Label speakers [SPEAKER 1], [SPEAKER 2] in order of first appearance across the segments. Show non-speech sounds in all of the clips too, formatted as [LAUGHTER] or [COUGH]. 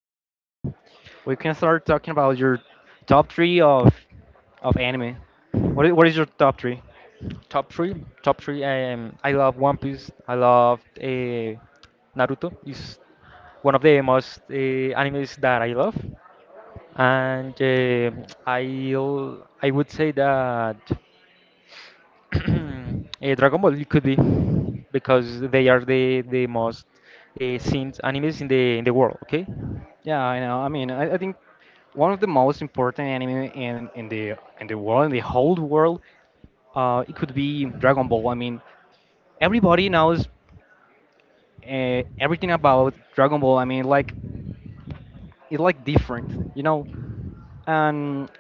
[SPEAKER 1] Yeah, bro.
[SPEAKER 2] We can start talking about your top three of anime. What is your top three?
[SPEAKER 1] Top three, top three. I love One Piece. I love Naruto. Is one of the most animes that I love. And uh, i I would say that [CLEARS THROAT] Dragon Ball could be because they are the most seen animes in the world. Okay.
[SPEAKER 2] Yeah, I know. I mean, I think one of the most important anime in the in the world, in the whole world, it could be Dragon Ball. I mean, everybody knows everything about Dragon Ball. I mean, like it's like different, you know. And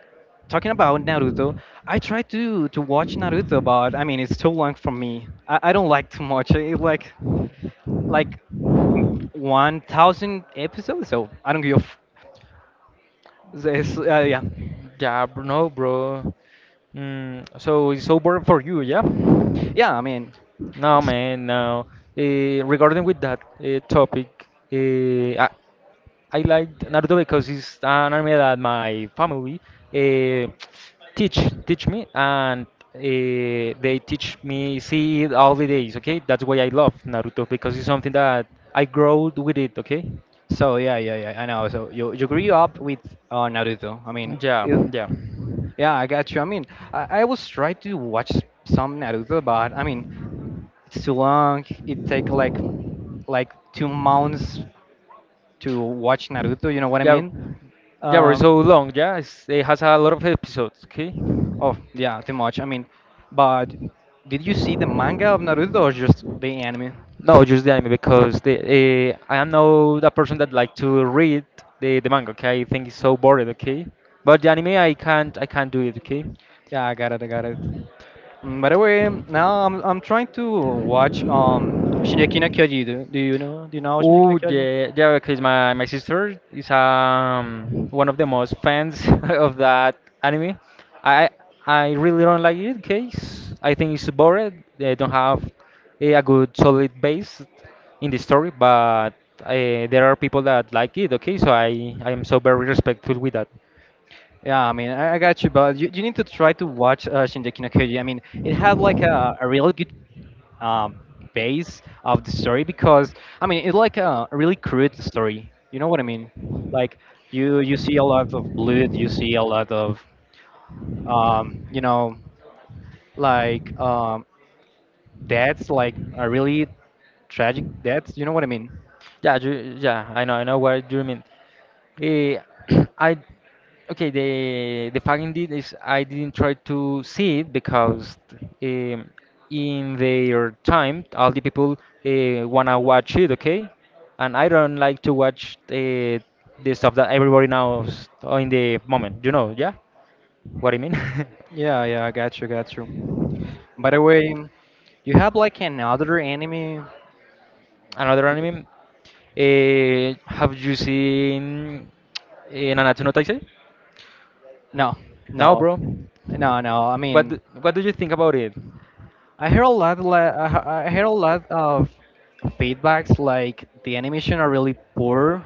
[SPEAKER 2] talking about Naruto, I try to watch Naruto, but I mean it's too long for me. I don't like too much. It, like w- 1,000 episodes, so I don't give. This, uh, yeah,
[SPEAKER 1] Yeah, bro, no, bro. So it's over for you, yeah?
[SPEAKER 2] yeah. I
[SPEAKER 1] No,
[SPEAKER 2] mean, it's
[SPEAKER 1] man, no. Regarding with that topic, I like Naruto because it's an anime that my family uh, teach teach me, and they teach me see it all the days. Okay, that's why I love Naruto because it's something that I grow with it. Okay,
[SPEAKER 2] so yeah, yeah, yeah. I know. So you grew up with Naruto. I mean,
[SPEAKER 1] yeah,
[SPEAKER 2] it,
[SPEAKER 1] yeah,
[SPEAKER 2] yeah, I got you. I mean, I was try to watch some Naruto, but I mean, it's too long. It take like 2 months to watch Naruto. You know what I
[SPEAKER 1] yeah,
[SPEAKER 2] mean?
[SPEAKER 1] yeah. But it's so
[SPEAKER 2] Um,
[SPEAKER 1] long. Yeah, it's, it has a lot of episodes. Okay.
[SPEAKER 2] oh yeah, too much. I mean, but did you see the manga of Naruto or just the anime?
[SPEAKER 1] No, just the anime because the I am not a person that like to read the manga. Okay, I think it's so boring. Okay, but the anime I can't do it. Okay.
[SPEAKER 2] Yeah, I got it. I got it. Mm, by the way, now I'm trying to watch Shingeki no Kyoji. Do you know Shingeki no
[SPEAKER 1] Oh
[SPEAKER 2] Kyoji?
[SPEAKER 1] yeah, yeah. Because my sister is one of the most fans [LAUGHS] of that anime. I I really don't like it. Okay, I think it's boring. They don't have a good solid base in the story, but there are people that like it. Okay, so I am so very respectful with that.
[SPEAKER 2] Yeah, I mean I got you, but you need to try to watch Shingeki no Kyoji. I mean it had like a really good um base of the story because I mean it's like a really crude story. You know what I mean? Like you see a lot of blood, you see a lot of um, you know, like um, deaths, like a really tragic deaths. You know what I mean?
[SPEAKER 1] Yeah, you, yeah, I know what you mean. Eh, [CLEARS THROAT] I okay. The fact indeed is I didn't try to see it because um, in their time, all the people wanna watch it, okay? And I don't like to watch the stuff that everybody knows in the moment. You know, yeah, what I mean.
[SPEAKER 2] Yeah, yeah, I got you, got you. By the way, you have like another anime?
[SPEAKER 1] [LAUGHS] Another anime. Have you seen Nanatsu no Taizai?
[SPEAKER 2] No,
[SPEAKER 1] No,
[SPEAKER 2] no,
[SPEAKER 1] bro.
[SPEAKER 2] no, no. I mean,
[SPEAKER 1] What do you think about it?
[SPEAKER 2] I hear a lot of feedbacks like the animation are really poor,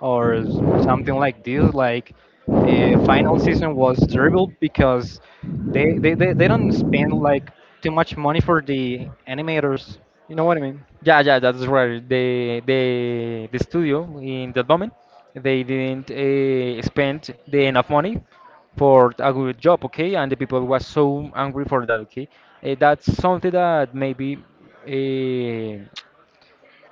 [SPEAKER 2] something like this. Like the final season was terrible because they don't spend like too much money for the animators. You know what I mean?
[SPEAKER 1] Yeah, yeah, that's right. The studio in that moment, they didn't spend the enough money for a good job, okay? And the people was so angry for that, okay? That's something that maybe uh,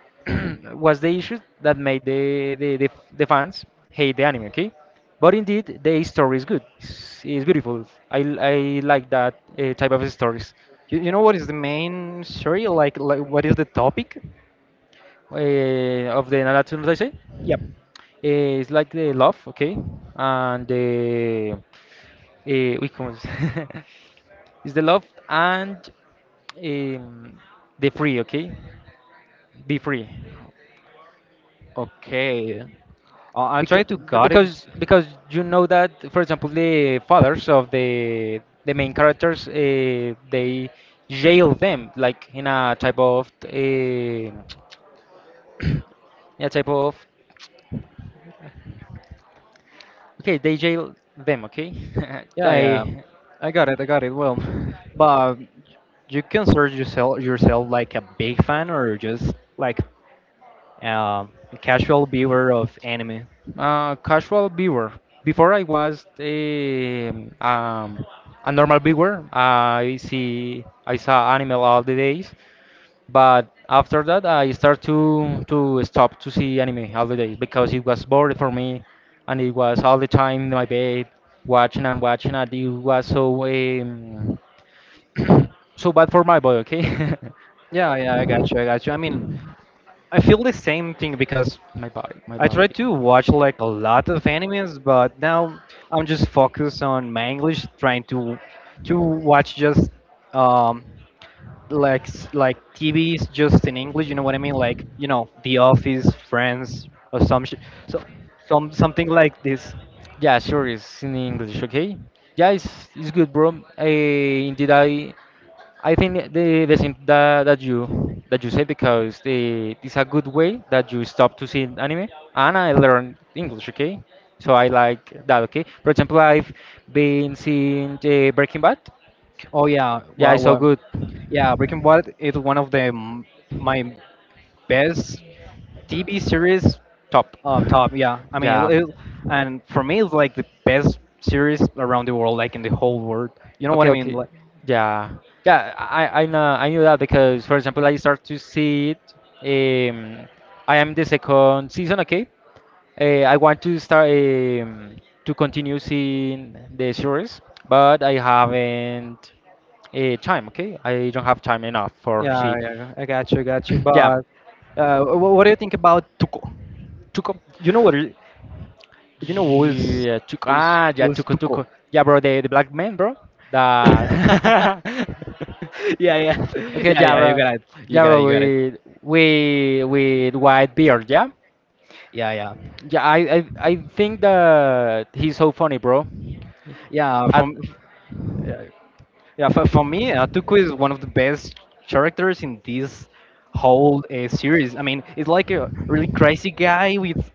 [SPEAKER 1] [CLEARS THROAT] was the issue that made the fans hate the anime, okay? But indeed, the story is good. It's beautiful. I like that type of stories.
[SPEAKER 2] You know what is the main story? Like what is the topic?
[SPEAKER 1] Of the Nalatun that I say.
[SPEAKER 2] Yep.
[SPEAKER 1] It's like the love, okay, and the we come. [LAUGHS] It's the love and um, the free, okay, be free,
[SPEAKER 2] Okay. I
[SPEAKER 1] because
[SPEAKER 2] tried to got it.
[SPEAKER 1] because you know that, for example, the fathers of the main characters, they jail them like in a type of [CLEARS THROAT] in a type of, okay, DJ them, okay? [LAUGHS]
[SPEAKER 2] Yeah, yeah.
[SPEAKER 1] I
[SPEAKER 2] I got it. I got it. Well, but you consider yourself like a big fan or just like a casual viewer of anime?
[SPEAKER 1] casual viewer. Before I was a um, a normal viewer. I saw anime all the days, but after that I start to stop to see anime all the days because it was boring for me, and it was all the time in my bed watching and watching, and it was so [COUGHS] so bad for my body, okay?
[SPEAKER 2] Yeah, yeah, I got you. I got you. I mean, I feel the same thing because
[SPEAKER 1] [LAUGHS] My body, my
[SPEAKER 2] I try
[SPEAKER 1] body.
[SPEAKER 2] to watch like a lot of animes, but now I'm just focused on my English, trying to watch just um like like TVs just in English. You know what I mean? Like you know, The Office, Friends, or so some something like this.
[SPEAKER 1] Yeah, sure, it's in English, okay? Yeah, it's good, bro. Uh, indeed, I think the thing that, that you said because the it's a good way that you stop to see anime, and I learned English, okay? So I like that, okay? For example, I've been seeing the Breaking Bad.
[SPEAKER 2] Oh yeah,
[SPEAKER 1] Yeah,
[SPEAKER 2] well,
[SPEAKER 1] it's so
[SPEAKER 2] well,
[SPEAKER 1] good,
[SPEAKER 2] yeah. Breaking Bad is one of my best TV series
[SPEAKER 1] top. [LAUGHS]
[SPEAKER 2] top. Yeah, I mean, it,
[SPEAKER 1] Yeah.
[SPEAKER 2] it, and for me, it's like the best series around the world, like in the whole world. You know what
[SPEAKER 1] Okay,
[SPEAKER 2] I mean?
[SPEAKER 1] okay.
[SPEAKER 2] Like,
[SPEAKER 1] Yeah. Yeah, I know I knew that because for example I start to see it, um I am the second season, okay? I want to start to continue seeing the series, but I haven't time, okay? I don't have time enough for
[SPEAKER 2] yeah,
[SPEAKER 1] see.
[SPEAKER 2] yeah. I got you, I got you.
[SPEAKER 1] [CLEARS THROAT] Yeah,
[SPEAKER 2] But what do you think about Tuco?
[SPEAKER 1] to come.
[SPEAKER 2] You know what? it- You know
[SPEAKER 1] Yeah, tuk ah, yeah,
[SPEAKER 2] who's
[SPEAKER 1] tuku tuku.
[SPEAKER 2] Tuco?
[SPEAKER 1] Yeah, bro, the black man, bro. The
[SPEAKER 2] [LAUGHS] yeah, yeah,
[SPEAKER 1] [LAUGHS] okay,
[SPEAKER 2] yeah, yeah. You got it. You
[SPEAKER 1] yeah,
[SPEAKER 2] got it.
[SPEAKER 1] bro,
[SPEAKER 2] You got it.
[SPEAKER 1] with with white beard, yeah,
[SPEAKER 2] Yeah, yeah.
[SPEAKER 1] yeah. I think that he's so funny, bro.
[SPEAKER 2] Yeah,
[SPEAKER 1] At
[SPEAKER 2] from yeah, yeah for me, Tuco is one of the best characters in this whole series. I mean, it's like a really crazy guy with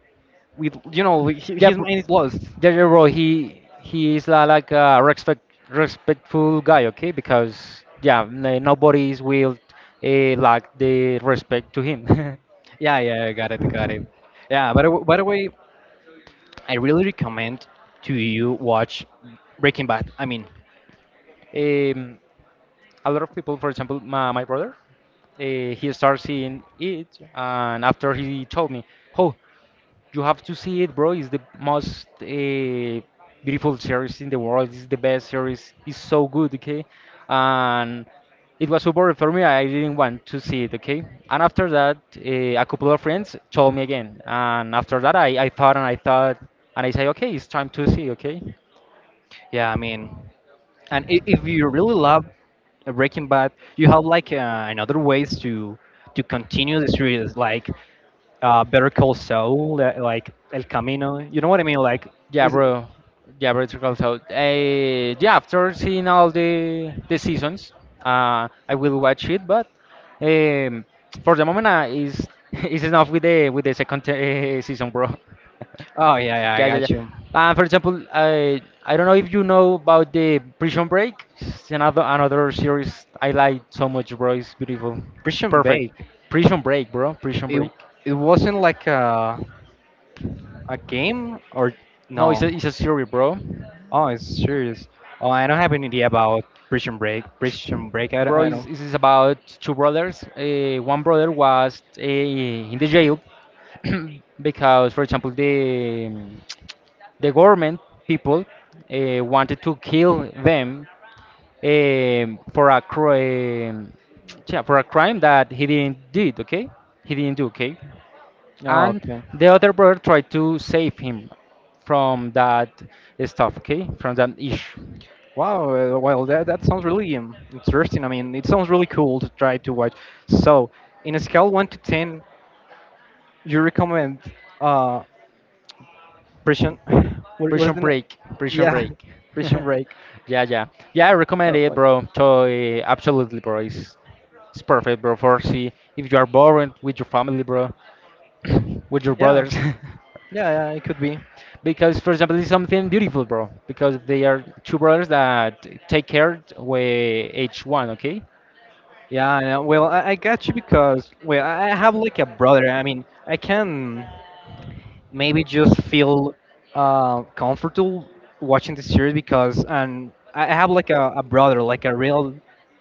[SPEAKER 2] you know
[SPEAKER 1] yeah,
[SPEAKER 2] his mind is lost.
[SPEAKER 1] yeah, yeah, bro. He is like a respectful guy, okay? Because yeah, nobody is will like the respect to him. [LAUGHS]
[SPEAKER 2] Yeah, yeah, I got it, got it. Yeah, by the way, I really recommend to you watch Breaking Bad. I mean,
[SPEAKER 1] um, a lot of people, for example, my brother, he started seeing it, and after he told me, "Oh, you have to see it, bro. It's the most beautiful series in the world. It's the best series. It's so good, okay?" And it was so boring for me. I didn't want to see it, okay? And after that, a couple of friends told me again, and after that, I thought and I thought, and I say, "Okay, it's time to see, okay?"
[SPEAKER 2] yeah, I mean. And if you really love Breaking Bad, you have like another ways to continue the series, like Better Call Saul, like El Camino. You know what I mean? Like,
[SPEAKER 1] Yeah,
[SPEAKER 2] is it,
[SPEAKER 1] bro. Yeah, bro. It's called so. Yeah, after seeing all the seasons, I will watch it. But um, for the moment, is [LAUGHS] is enough with the second season, bro. [LAUGHS]
[SPEAKER 2] oh yeah, yeah, I
[SPEAKER 1] Yeah, yeah, yeah.
[SPEAKER 2] got you.
[SPEAKER 1] For example, I don't know if you know about the Prison Break. It's another series I like so much, bro. It's beautiful. It's
[SPEAKER 2] Prison
[SPEAKER 1] perfect.
[SPEAKER 2] Break.
[SPEAKER 1] Prison Break, bro. Prison
[SPEAKER 2] It
[SPEAKER 1] Break.
[SPEAKER 2] it wasn't like a game or
[SPEAKER 1] No, it's
[SPEAKER 2] no?
[SPEAKER 1] a series, bro.
[SPEAKER 2] Oh, it's serious. Oh, I don't have any idea about Prison Break. Prison Break. I don't.
[SPEAKER 1] Bro,
[SPEAKER 2] I
[SPEAKER 1] is
[SPEAKER 2] don't.
[SPEAKER 1] is about two brothers. One brother was in the jail [CLEARS THROAT] because, for example, the government people wanted to kill them for a crime, yeah, for a crime that he didn't did. Okay, he didn't do. Okay,
[SPEAKER 2] Oh,
[SPEAKER 1] and
[SPEAKER 2] okay.
[SPEAKER 1] the other brother tried to save him from that stuff. Okay, from that issue.
[SPEAKER 2] Wow, well, that, that sounds really interesting. I mean, it sounds really cool to try to watch. So, in a scale 1 to 10, you recommend uh, Prison. [LAUGHS] [SIGHS] What is
[SPEAKER 1] Prison
[SPEAKER 2] the name?
[SPEAKER 1] Break, Prison
[SPEAKER 2] Yeah,
[SPEAKER 1] Break.
[SPEAKER 2] Prison
[SPEAKER 1] [LAUGHS]
[SPEAKER 2] Break.
[SPEAKER 1] Yeah, yeah, yeah. I recommend it,
[SPEAKER 2] Like,
[SPEAKER 1] bro. Totally, absolutely, bro. It's perfect, bro. For see if you are bored with your family, bro, [COUGHS] with your
[SPEAKER 2] yeah,
[SPEAKER 1] brothers.
[SPEAKER 2] yeah, yeah, it could be.
[SPEAKER 1] [LAUGHS] Because for example, it's something beautiful, bro, because they are two brothers that take care with each one, okay.
[SPEAKER 2] Yeah, I know. Well, I got you because, well, I have like a brother. I mean, I can. Maybe just feel comfortable watching the series because and I have like a brother, like a real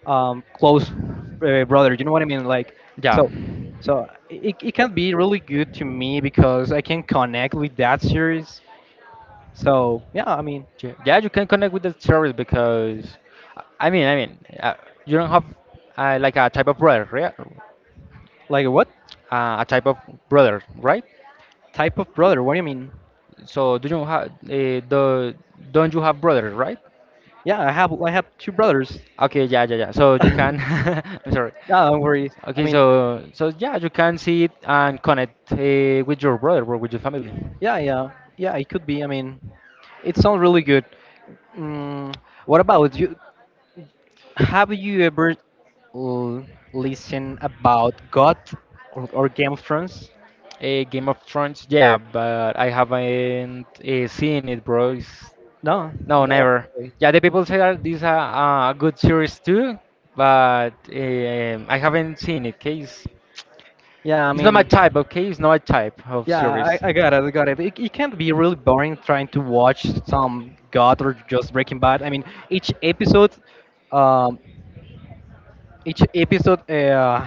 [SPEAKER 2] close brother. You know what I mean? Like
[SPEAKER 1] Yeah.
[SPEAKER 2] so, so it can be really good to me because I can connect with that series. So yeah, I mean,
[SPEAKER 1] Yeah, you can connect with the series because I mean you don't have like a type of brother, right?
[SPEAKER 2] like what
[SPEAKER 1] A type of brother, right?
[SPEAKER 2] type of brother? What do you mean?
[SPEAKER 1] So do you have the don't you have brother, right?
[SPEAKER 2] Yeah, I have two brothers.
[SPEAKER 1] Okay, yeah, yeah, yeah. So
[SPEAKER 2] [LAUGHS]
[SPEAKER 1] you
[SPEAKER 2] no,
[SPEAKER 1] can, [LAUGHS] sorry.
[SPEAKER 2] don't worry. I
[SPEAKER 1] Okay,
[SPEAKER 2] mean,
[SPEAKER 1] so yeah, you can see it and connect with your brother or with your family.
[SPEAKER 2] yeah, yeah, yeah. It could be. I mean, it sounds really good. Mm, what about you? Have you ever l- listened about God or Game of Thrones?
[SPEAKER 1] Game of Thrones, yeah, but I haven't seen it, bro.
[SPEAKER 2] No.
[SPEAKER 1] No,
[SPEAKER 2] No.
[SPEAKER 1] never.
[SPEAKER 2] Really?
[SPEAKER 1] Yeah, the people say that this is a good series too, but I haven't seen it. Case
[SPEAKER 2] Yeah, I
[SPEAKER 1] He's not my
[SPEAKER 2] mean,
[SPEAKER 1] type, okay? He's not my type of
[SPEAKER 2] yeah, I,
[SPEAKER 1] series.
[SPEAKER 2] I got it. I got it. It. It can't be really boring trying to watch some God or just Breaking Bad. I mean, each episode. Um, each episode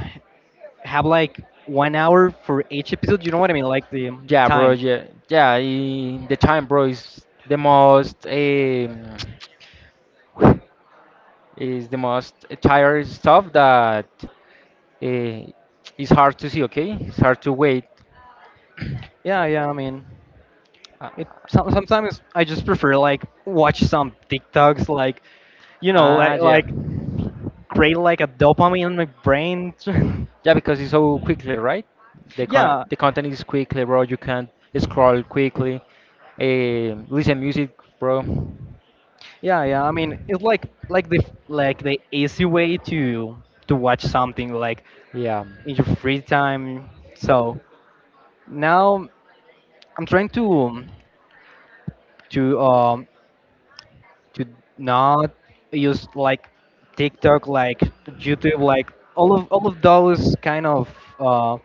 [SPEAKER 2] have like 1 hour for each episode. You know what I mean? Like the
[SPEAKER 1] Yeah, bro.
[SPEAKER 2] time.
[SPEAKER 1] Yeah, yeah. The time, bro, is the most [SIGHS] [TSK] is the most tired stuff that uh, is hard to see. Okay, it's hard to wait.
[SPEAKER 2] Yeah, yeah. I mean, it
[SPEAKER 1] Ah,
[SPEAKER 2] some, sometimes I just prefer like watch some TikToks, like you know,
[SPEAKER 1] yeah.
[SPEAKER 2] like create like a dopamine in my brain. [LAUGHS]
[SPEAKER 1] Yeah, because it's so quickly, right? The con
[SPEAKER 2] yeah,
[SPEAKER 1] the content is quickly, bro. You can scroll quickly, listen music, bro.
[SPEAKER 2] yeah, yeah. I mean, it's like the easy way to watch something like
[SPEAKER 1] Yeah.
[SPEAKER 2] in your free time. So now I'm trying to um, to not use like TikTok, like YouTube, like all of those kind of uh,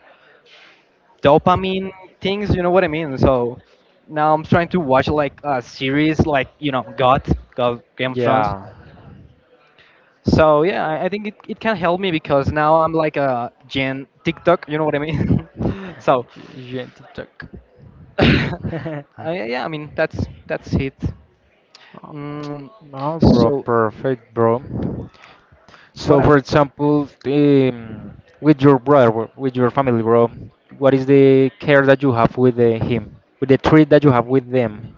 [SPEAKER 2] dopamine things. You know what I mean? So now I'm trying to watch like a series, like you know, God, God, Game of Thrones.
[SPEAKER 1] Yeah.
[SPEAKER 2] So yeah, I think it, it can help me because now I'm like a Gen TikTok. You know what I mean? [LAUGHS] so
[SPEAKER 1] Gen TikTok.
[SPEAKER 2] [LAUGHS] uh,
[SPEAKER 1] [LAUGHS]
[SPEAKER 2] yeah, I mean that's it.
[SPEAKER 1] Oh,
[SPEAKER 2] Mm,
[SPEAKER 1] no, bro,
[SPEAKER 2] so
[SPEAKER 1] perfect, bro. So,
[SPEAKER 2] what?
[SPEAKER 1] for example, with your brother, with your family, bro, what is the care that you have with him, with the treat that you have with them?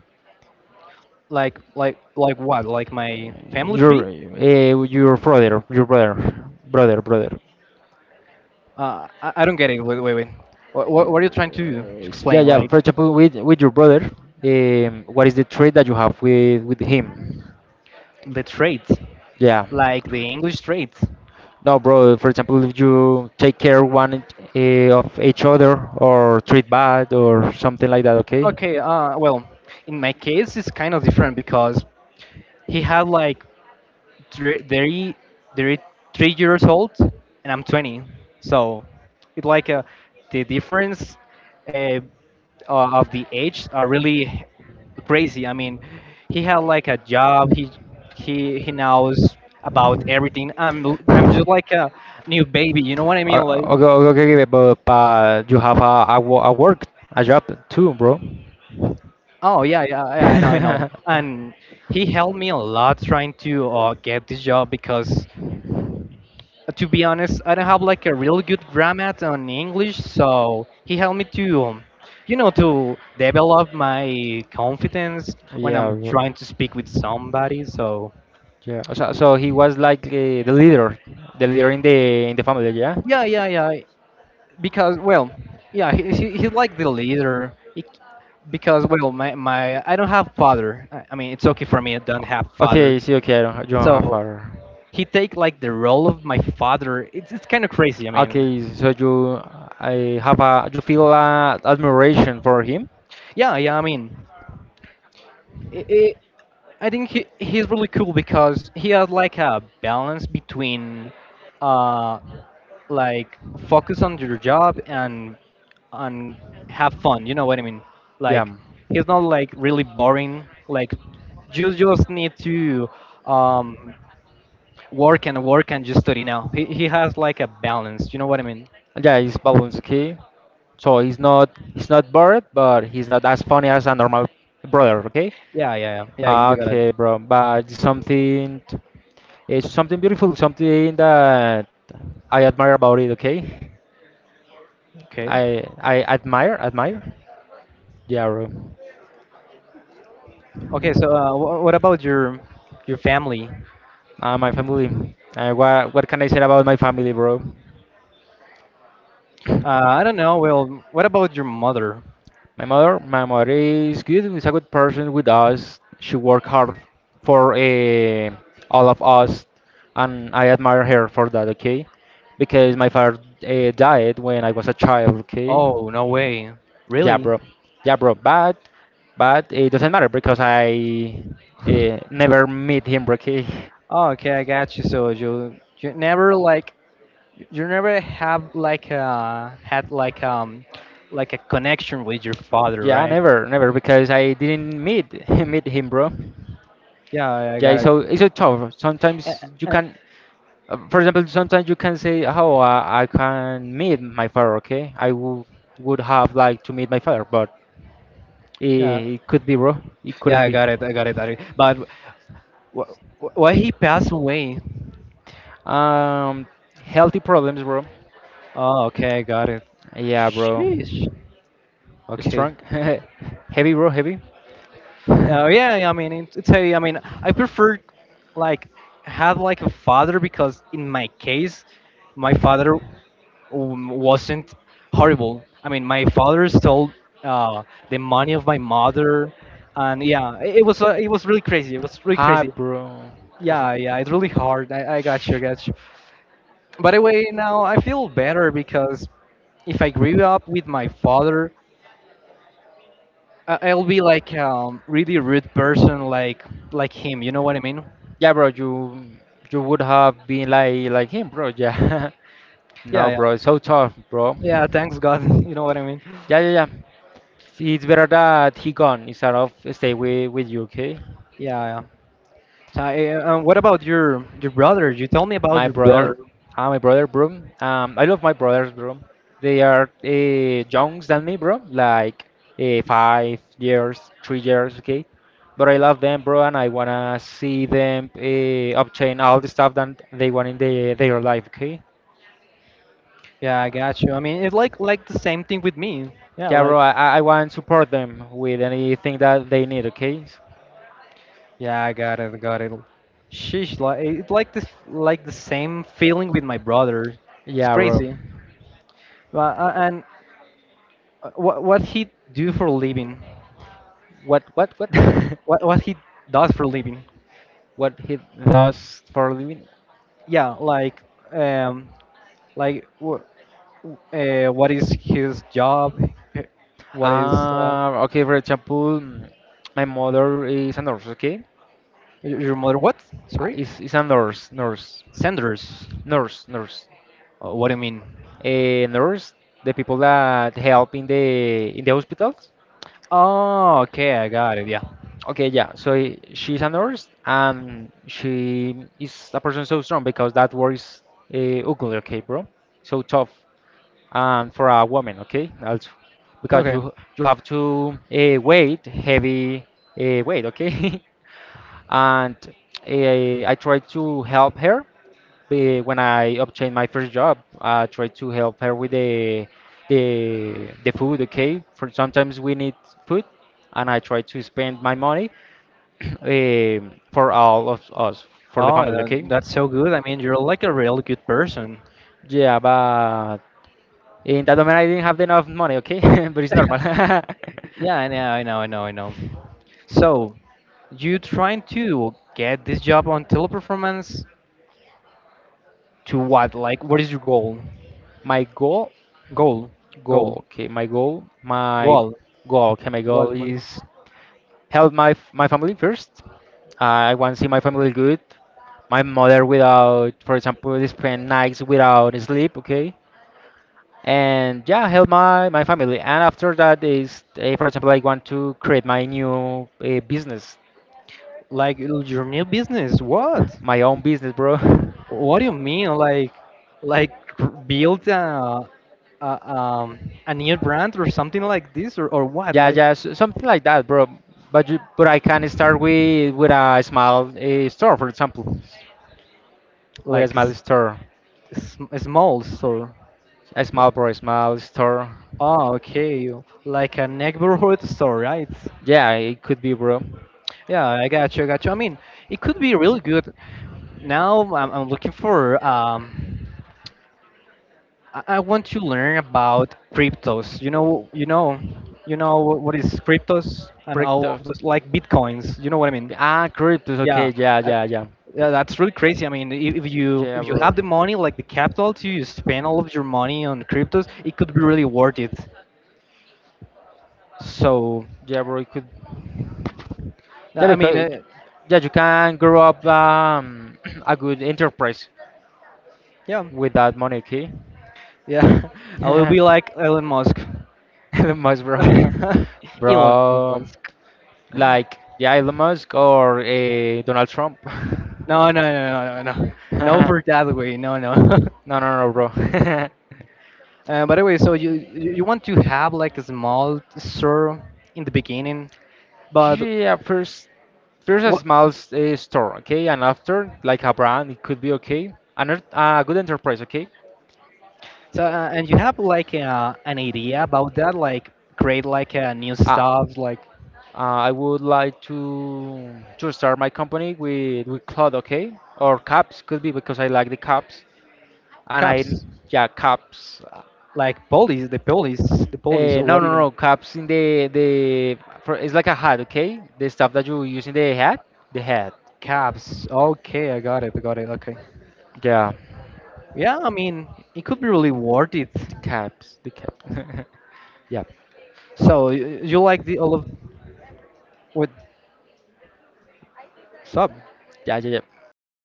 [SPEAKER 2] Like what? Like my family tree?
[SPEAKER 1] Your brother, brother, brother.
[SPEAKER 2] I don't get it. Wait wait wait. What, are you trying to
[SPEAKER 1] Yeah,
[SPEAKER 2] explain?
[SPEAKER 1] yeah.
[SPEAKER 2] Like
[SPEAKER 1] For example, with your brother, what is the treat that you have with him?
[SPEAKER 2] the traits,
[SPEAKER 1] Yeah.
[SPEAKER 2] like the English traits.
[SPEAKER 1] No, bro. For example, if you take care one of each other or treat bad or something like that, okay?
[SPEAKER 2] Okay. Well, in my case, it's kind of different because he had like they're, they're, they're 3 years old and I'm 20. So it's like a, the difference uh, of the age are really crazy. I mean, he had like a job. He knows about everything. I'm just like a new baby. You know what I mean?
[SPEAKER 1] Uh,
[SPEAKER 2] Like,
[SPEAKER 1] Okay okay, okay, but you have a work, a job too, bro.
[SPEAKER 2] oh yeah, yeah, yeah I know, I know.
[SPEAKER 1] [LAUGHS]
[SPEAKER 2] And he helped me a lot trying to get this job because to be honest, I don't have like a real good grammar on English, so he helped me to, you know, to develop my confidence when I'm
[SPEAKER 1] Yeah, bro.
[SPEAKER 2] trying to speak with somebody. So
[SPEAKER 1] Yeah. So, he was like the leader in the family, yeah?
[SPEAKER 2] yeah, yeah, yeah. Because well, yeah, he's like the leader. He, because well, my I don't have father. I mean, it's okay for me. I don't have father,
[SPEAKER 1] Okay, see, okay, I don't, ha- you don't have
[SPEAKER 2] so
[SPEAKER 1] a.
[SPEAKER 2] he take like the role of my father. It's kind of crazy. I mean,
[SPEAKER 1] Okay, so you I have a you feel admiration for him?
[SPEAKER 2] yeah, yeah. I mean. I i I think he's really cool because he has like a balance between uh like focus on your job and and have fun. You know what I mean?
[SPEAKER 1] Yeah.
[SPEAKER 2] Like he's not like really boring. Like you just need to um work and work and just study now. He has like a balance. You know what I mean?
[SPEAKER 1] Yeah, he's balanced, okay? So he's not bored, but he's not as funny as a normal brother, okay?
[SPEAKER 2] Yeah, yeah, yeah. Yeah, you,
[SPEAKER 1] Ah,
[SPEAKER 2] you gotta.
[SPEAKER 1] Okay, bro, but something. It's something beautiful, something that I admire about it. Okay,
[SPEAKER 2] Okay.
[SPEAKER 1] I admire. Yeah, bro.
[SPEAKER 2] Okay. So what about your family?
[SPEAKER 1] My family. What can I say about my family, bro? [COUGHS] [CLEARS THROAT]
[SPEAKER 2] I don't know. Well, what about your mother?
[SPEAKER 1] My mother is good. Is a good person with us. She worked hard for all of us, and I admire her for that. Okay, because my father died when I was a child. Okay,
[SPEAKER 2] Oh, no way.
[SPEAKER 1] yeah,
[SPEAKER 2] Really?
[SPEAKER 1] bro. Yeah, bro. But it doesn't matter because I never meet him, bro. Okay. [LAUGHS]
[SPEAKER 2] Oh, okay, I got you. So you never like you never have like had like a connection with your father,
[SPEAKER 1] Yeah,
[SPEAKER 2] right?
[SPEAKER 1] never, never because I didn't meet [LAUGHS] meet him, bro.
[SPEAKER 2] Yeah, I
[SPEAKER 1] Yeah,
[SPEAKER 2] got it.
[SPEAKER 1] it's so tough.
[SPEAKER 2] And,
[SPEAKER 1] Sometimes you
[SPEAKER 2] and
[SPEAKER 1] can, for example, sometimes you can say, "Oh, I can meet my father." Okay, I w would have liked to meet my father, but it,
[SPEAKER 2] yeah,
[SPEAKER 1] it could be, bro. It
[SPEAKER 2] yeah,
[SPEAKER 1] couldn't
[SPEAKER 2] I
[SPEAKER 1] be.
[SPEAKER 2] got it. I got it. I got it. But wh- why he passed away?
[SPEAKER 1] Um, healthy problems, bro.
[SPEAKER 2] Oh, okay, I got it.
[SPEAKER 1] Yeah, bro.
[SPEAKER 2] Sheesh. Okay.
[SPEAKER 1] Strong, [LAUGHS] heavy, bro, heavy. [LAUGHS] Hi,
[SPEAKER 2] Yeah, yeah, I mean, it's a, I mean, I prefer like have like a father because in my case, my father wasn't horrible. I mean, my father stole uh, the money of my mother, and yeah, it it was really crazy. It was really crazy.
[SPEAKER 1] bro. What's
[SPEAKER 2] Yeah,
[SPEAKER 1] up?
[SPEAKER 2] yeah, it's really hard. I got you, I got you. By the way, now I feel better because if I grew up with my father. I'll be like really rude person like him. You know what I mean?
[SPEAKER 1] Yeah, bro, you would have been like him, bro. Yeah. [LAUGHS]
[SPEAKER 2] Yeah,
[SPEAKER 1] No,
[SPEAKER 2] yeah,
[SPEAKER 1] bro, it's so tough, bro.
[SPEAKER 2] yeah. Thanks God. [LAUGHS] you know what I mean?
[SPEAKER 1] Yeah, yeah, yeah. See, it's better that he gone instead of stay with you, okay?
[SPEAKER 2] Yeah, yeah. So, what about your brother? You told me about
[SPEAKER 1] My
[SPEAKER 2] your brother.
[SPEAKER 1] brother, my brother, bro. I love my brothers, bro. They are younger than me, bro. Like 5 years, 3 years, okay. But I love them, bro, and I wanna see them obtain all the stuff that they want in their life, okay.
[SPEAKER 2] Yeah, I got you. I mean, it's like the same thing with me. Yeah,
[SPEAKER 1] Yeah,
[SPEAKER 2] like
[SPEAKER 1] bro. I want to support them with anything that they need, okay.
[SPEAKER 2] yeah, I got it, got it. Sheesh, like it's like this like the same feeling with my brother. It's
[SPEAKER 1] Yeah, bro.
[SPEAKER 2] crazy. Well, and what he do for a living?
[SPEAKER 1] What what? [LAUGHS]
[SPEAKER 2] What he does for a living.
[SPEAKER 1] What he does for a living?
[SPEAKER 2] Yeah, um, like what is his job? Eh, What is
[SPEAKER 1] Okay, for example, my mother is a nurse, okay?
[SPEAKER 2] y- your mother? What? Sorry,
[SPEAKER 1] Is a nurse, nurse,
[SPEAKER 2] Sanders.
[SPEAKER 1] nurse, nurse.
[SPEAKER 2] What do you mean?
[SPEAKER 1] A nurse, the people that help in the hospitals.
[SPEAKER 2] Oh, okay, I got it. Yeah.
[SPEAKER 1] Okay, yeah. So she's a nurse and she is a person so strong because that word is ugly, okay, bro? So tough. And for a woman, okay, also because
[SPEAKER 2] Okay.
[SPEAKER 1] you have to weight heavy weight, okay? [LAUGHS] And I tried to help her when I obtained my first job. I tried to help her with the food. Okay, for sometimes we need food, and I try to spend my money [COUGHS] [CLEARS THROAT] eh, for all of us for the
[SPEAKER 2] Oh,
[SPEAKER 1] family. Okay,
[SPEAKER 2] that's so good. I mean, you're like a real good person.
[SPEAKER 1] yeah, but in that moment I didn't have enough money. Okay, [LAUGHS] but it's normal. [LAUGHS]
[SPEAKER 2] [LAUGHS] yeah, I know, I know, I know, I know. So, you trying to get this job on teleperformance? To what? Like, what is your goal?
[SPEAKER 1] my goal,
[SPEAKER 2] Goal, goal,
[SPEAKER 1] goal. Okay, my goal, my
[SPEAKER 2] goal,
[SPEAKER 1] goal. Okay, my goal
[SPEAKER 2] goal, goal.
[SPEAKER 1] is
[SPEAKER 2] Goal.
[SPEAKER 1] help my my family first. I want to see my family good. My mother without, for example, spend nights without sleep, okay? And yeah, help my family. And after that is, for example, I want to create my new business,
[SPEAKER 2] Like your new business? What?
[SPEAKER 1] my own business, bro.
[SPEAKER 2] What do you mean? Like build a, a um a new brand or something like this or
[SPEAKER 1] [LAUGHS]
[SPEAKER 2] what?
[SPEAKER 1] Yeah,
[SPEAKER 2] Like
[SPEAKER 1] yeah, s something like that, bro. But I can start with a small store, for example, with a
[SPEAKER 2] like a,
[SPEAKER 1] small store,
[SPEAKER 2] s- a a small store.
[SPEAKER 1] a small bro, a small store.
[SPEAKER 2] Oh, okay. Like a neighborhood store, right?
[SPEAKER 1] Yeah, it could be, bro.
[SPEAKER 2] Yeah, I got you. I got you. I mean, it could be really good. Now I'm looking for. I want to learn about cryptos. You know, you know, you know what is cryptos and all
[SPEAKER 1] Crypto.
[SPEAKER 2] of those like bitcoins. You know what I mean?
[SPEAKER 1] Cryptos.
[SPEAKER 2] Yeah,
[SPEAKER 1] Okay, yeah,
[SPEAKER 2] uh,
[SPEAKER 1] yeah, yeah.
[SPEAKER 2] yeah, that's really crazy. I mean,
[SPEAKER 1] Yeah,
[SPEAKER 2] if you
[SPEAKER 1] bro.
[SPEAKER 2] have the money, like the capital to spend all of your money on cryptos, it could be really worth it. So,
[SPEAKER 1] Yeah, bro. You could.
[SPEAKER 2] uh,
[SPEAKER 1] Yeah,
[SPEAKER 2] I mean,
[SPEAKER 1] because
[SPEAKER 2] uh,
[SPEAKER 1] yeah, you can grow up [CLEARS THROAT] a good enterprise
[SPEAKER 2] yeah,
[SPEAKER 1] with that money, okay?
[SPEAKER 2] yeah, [LAUGHS] I will be like
[SPEAKER 1] [LAUGHS]
[SPEAKER 2] Elon Musk.
[SPEAKER 1] Elon Musk, bro. [LAUGHS]
[SPEAKER 2] [LAUGHS] Elon
[SPEAKER 1] Bro,
[SPEAKER 2] Musk.
[SPEAKER 1] like yeah, Elon Musk or Donald Trump.
[SPEAKER 2] No, no, no, no, no, no,
[SPEAKER 1] [LAUGHS]
[SPEAKER 2] no
[SPEAKER 1] No,
[SPEAKER 2] for that way. No, no. [LAUGHS]
[SPEAKER 1] no, no, bro. [LAUGHS]
[SPEAKER 2] By the way, so you want to have like a small store in the beginning, but
[SPEAKER 1] Yeah, first a
[SPEAKER 2] what?
[SPEAKER 1] small store, okay, and after like a brand, it could be okay, another a good enterprise, okay.
[SPEAKER 2] So and you have like an idea about that, like create like a new
[SPEAKER 1] Ah,
[SPEAKER 2] stuff, like
[SPEAKER 1] I would like to start my company with cloth, okay, or caps could be because I like the caps and I,
[SPEAKER 2] cups,
[SPEAKER 1] yeah, caps.
[SPEAKER 2] like police, the police, the police, or
[SPEAKER 1] No
[SPEAKER 2] what do you
[SPEAKER 1] no
[SPEAKER 2] mean
[SPEAKER 1] no caps in the for, it's like a hat, okay, the stuff that you use in the hat,
[SPEAKER 2] caps? Okay, I got it, I got it. Okay,
[SPEAKER 1] yeah,
[SPEAKER 2] yeah, I mean it could be really worth it.
[SPEAKER 1] the caps, the cap, [LAUGHS] yeah
[SPEAKER 2] So you like the all of what sub?
[SPEAKER 1] yeah yeah yeah.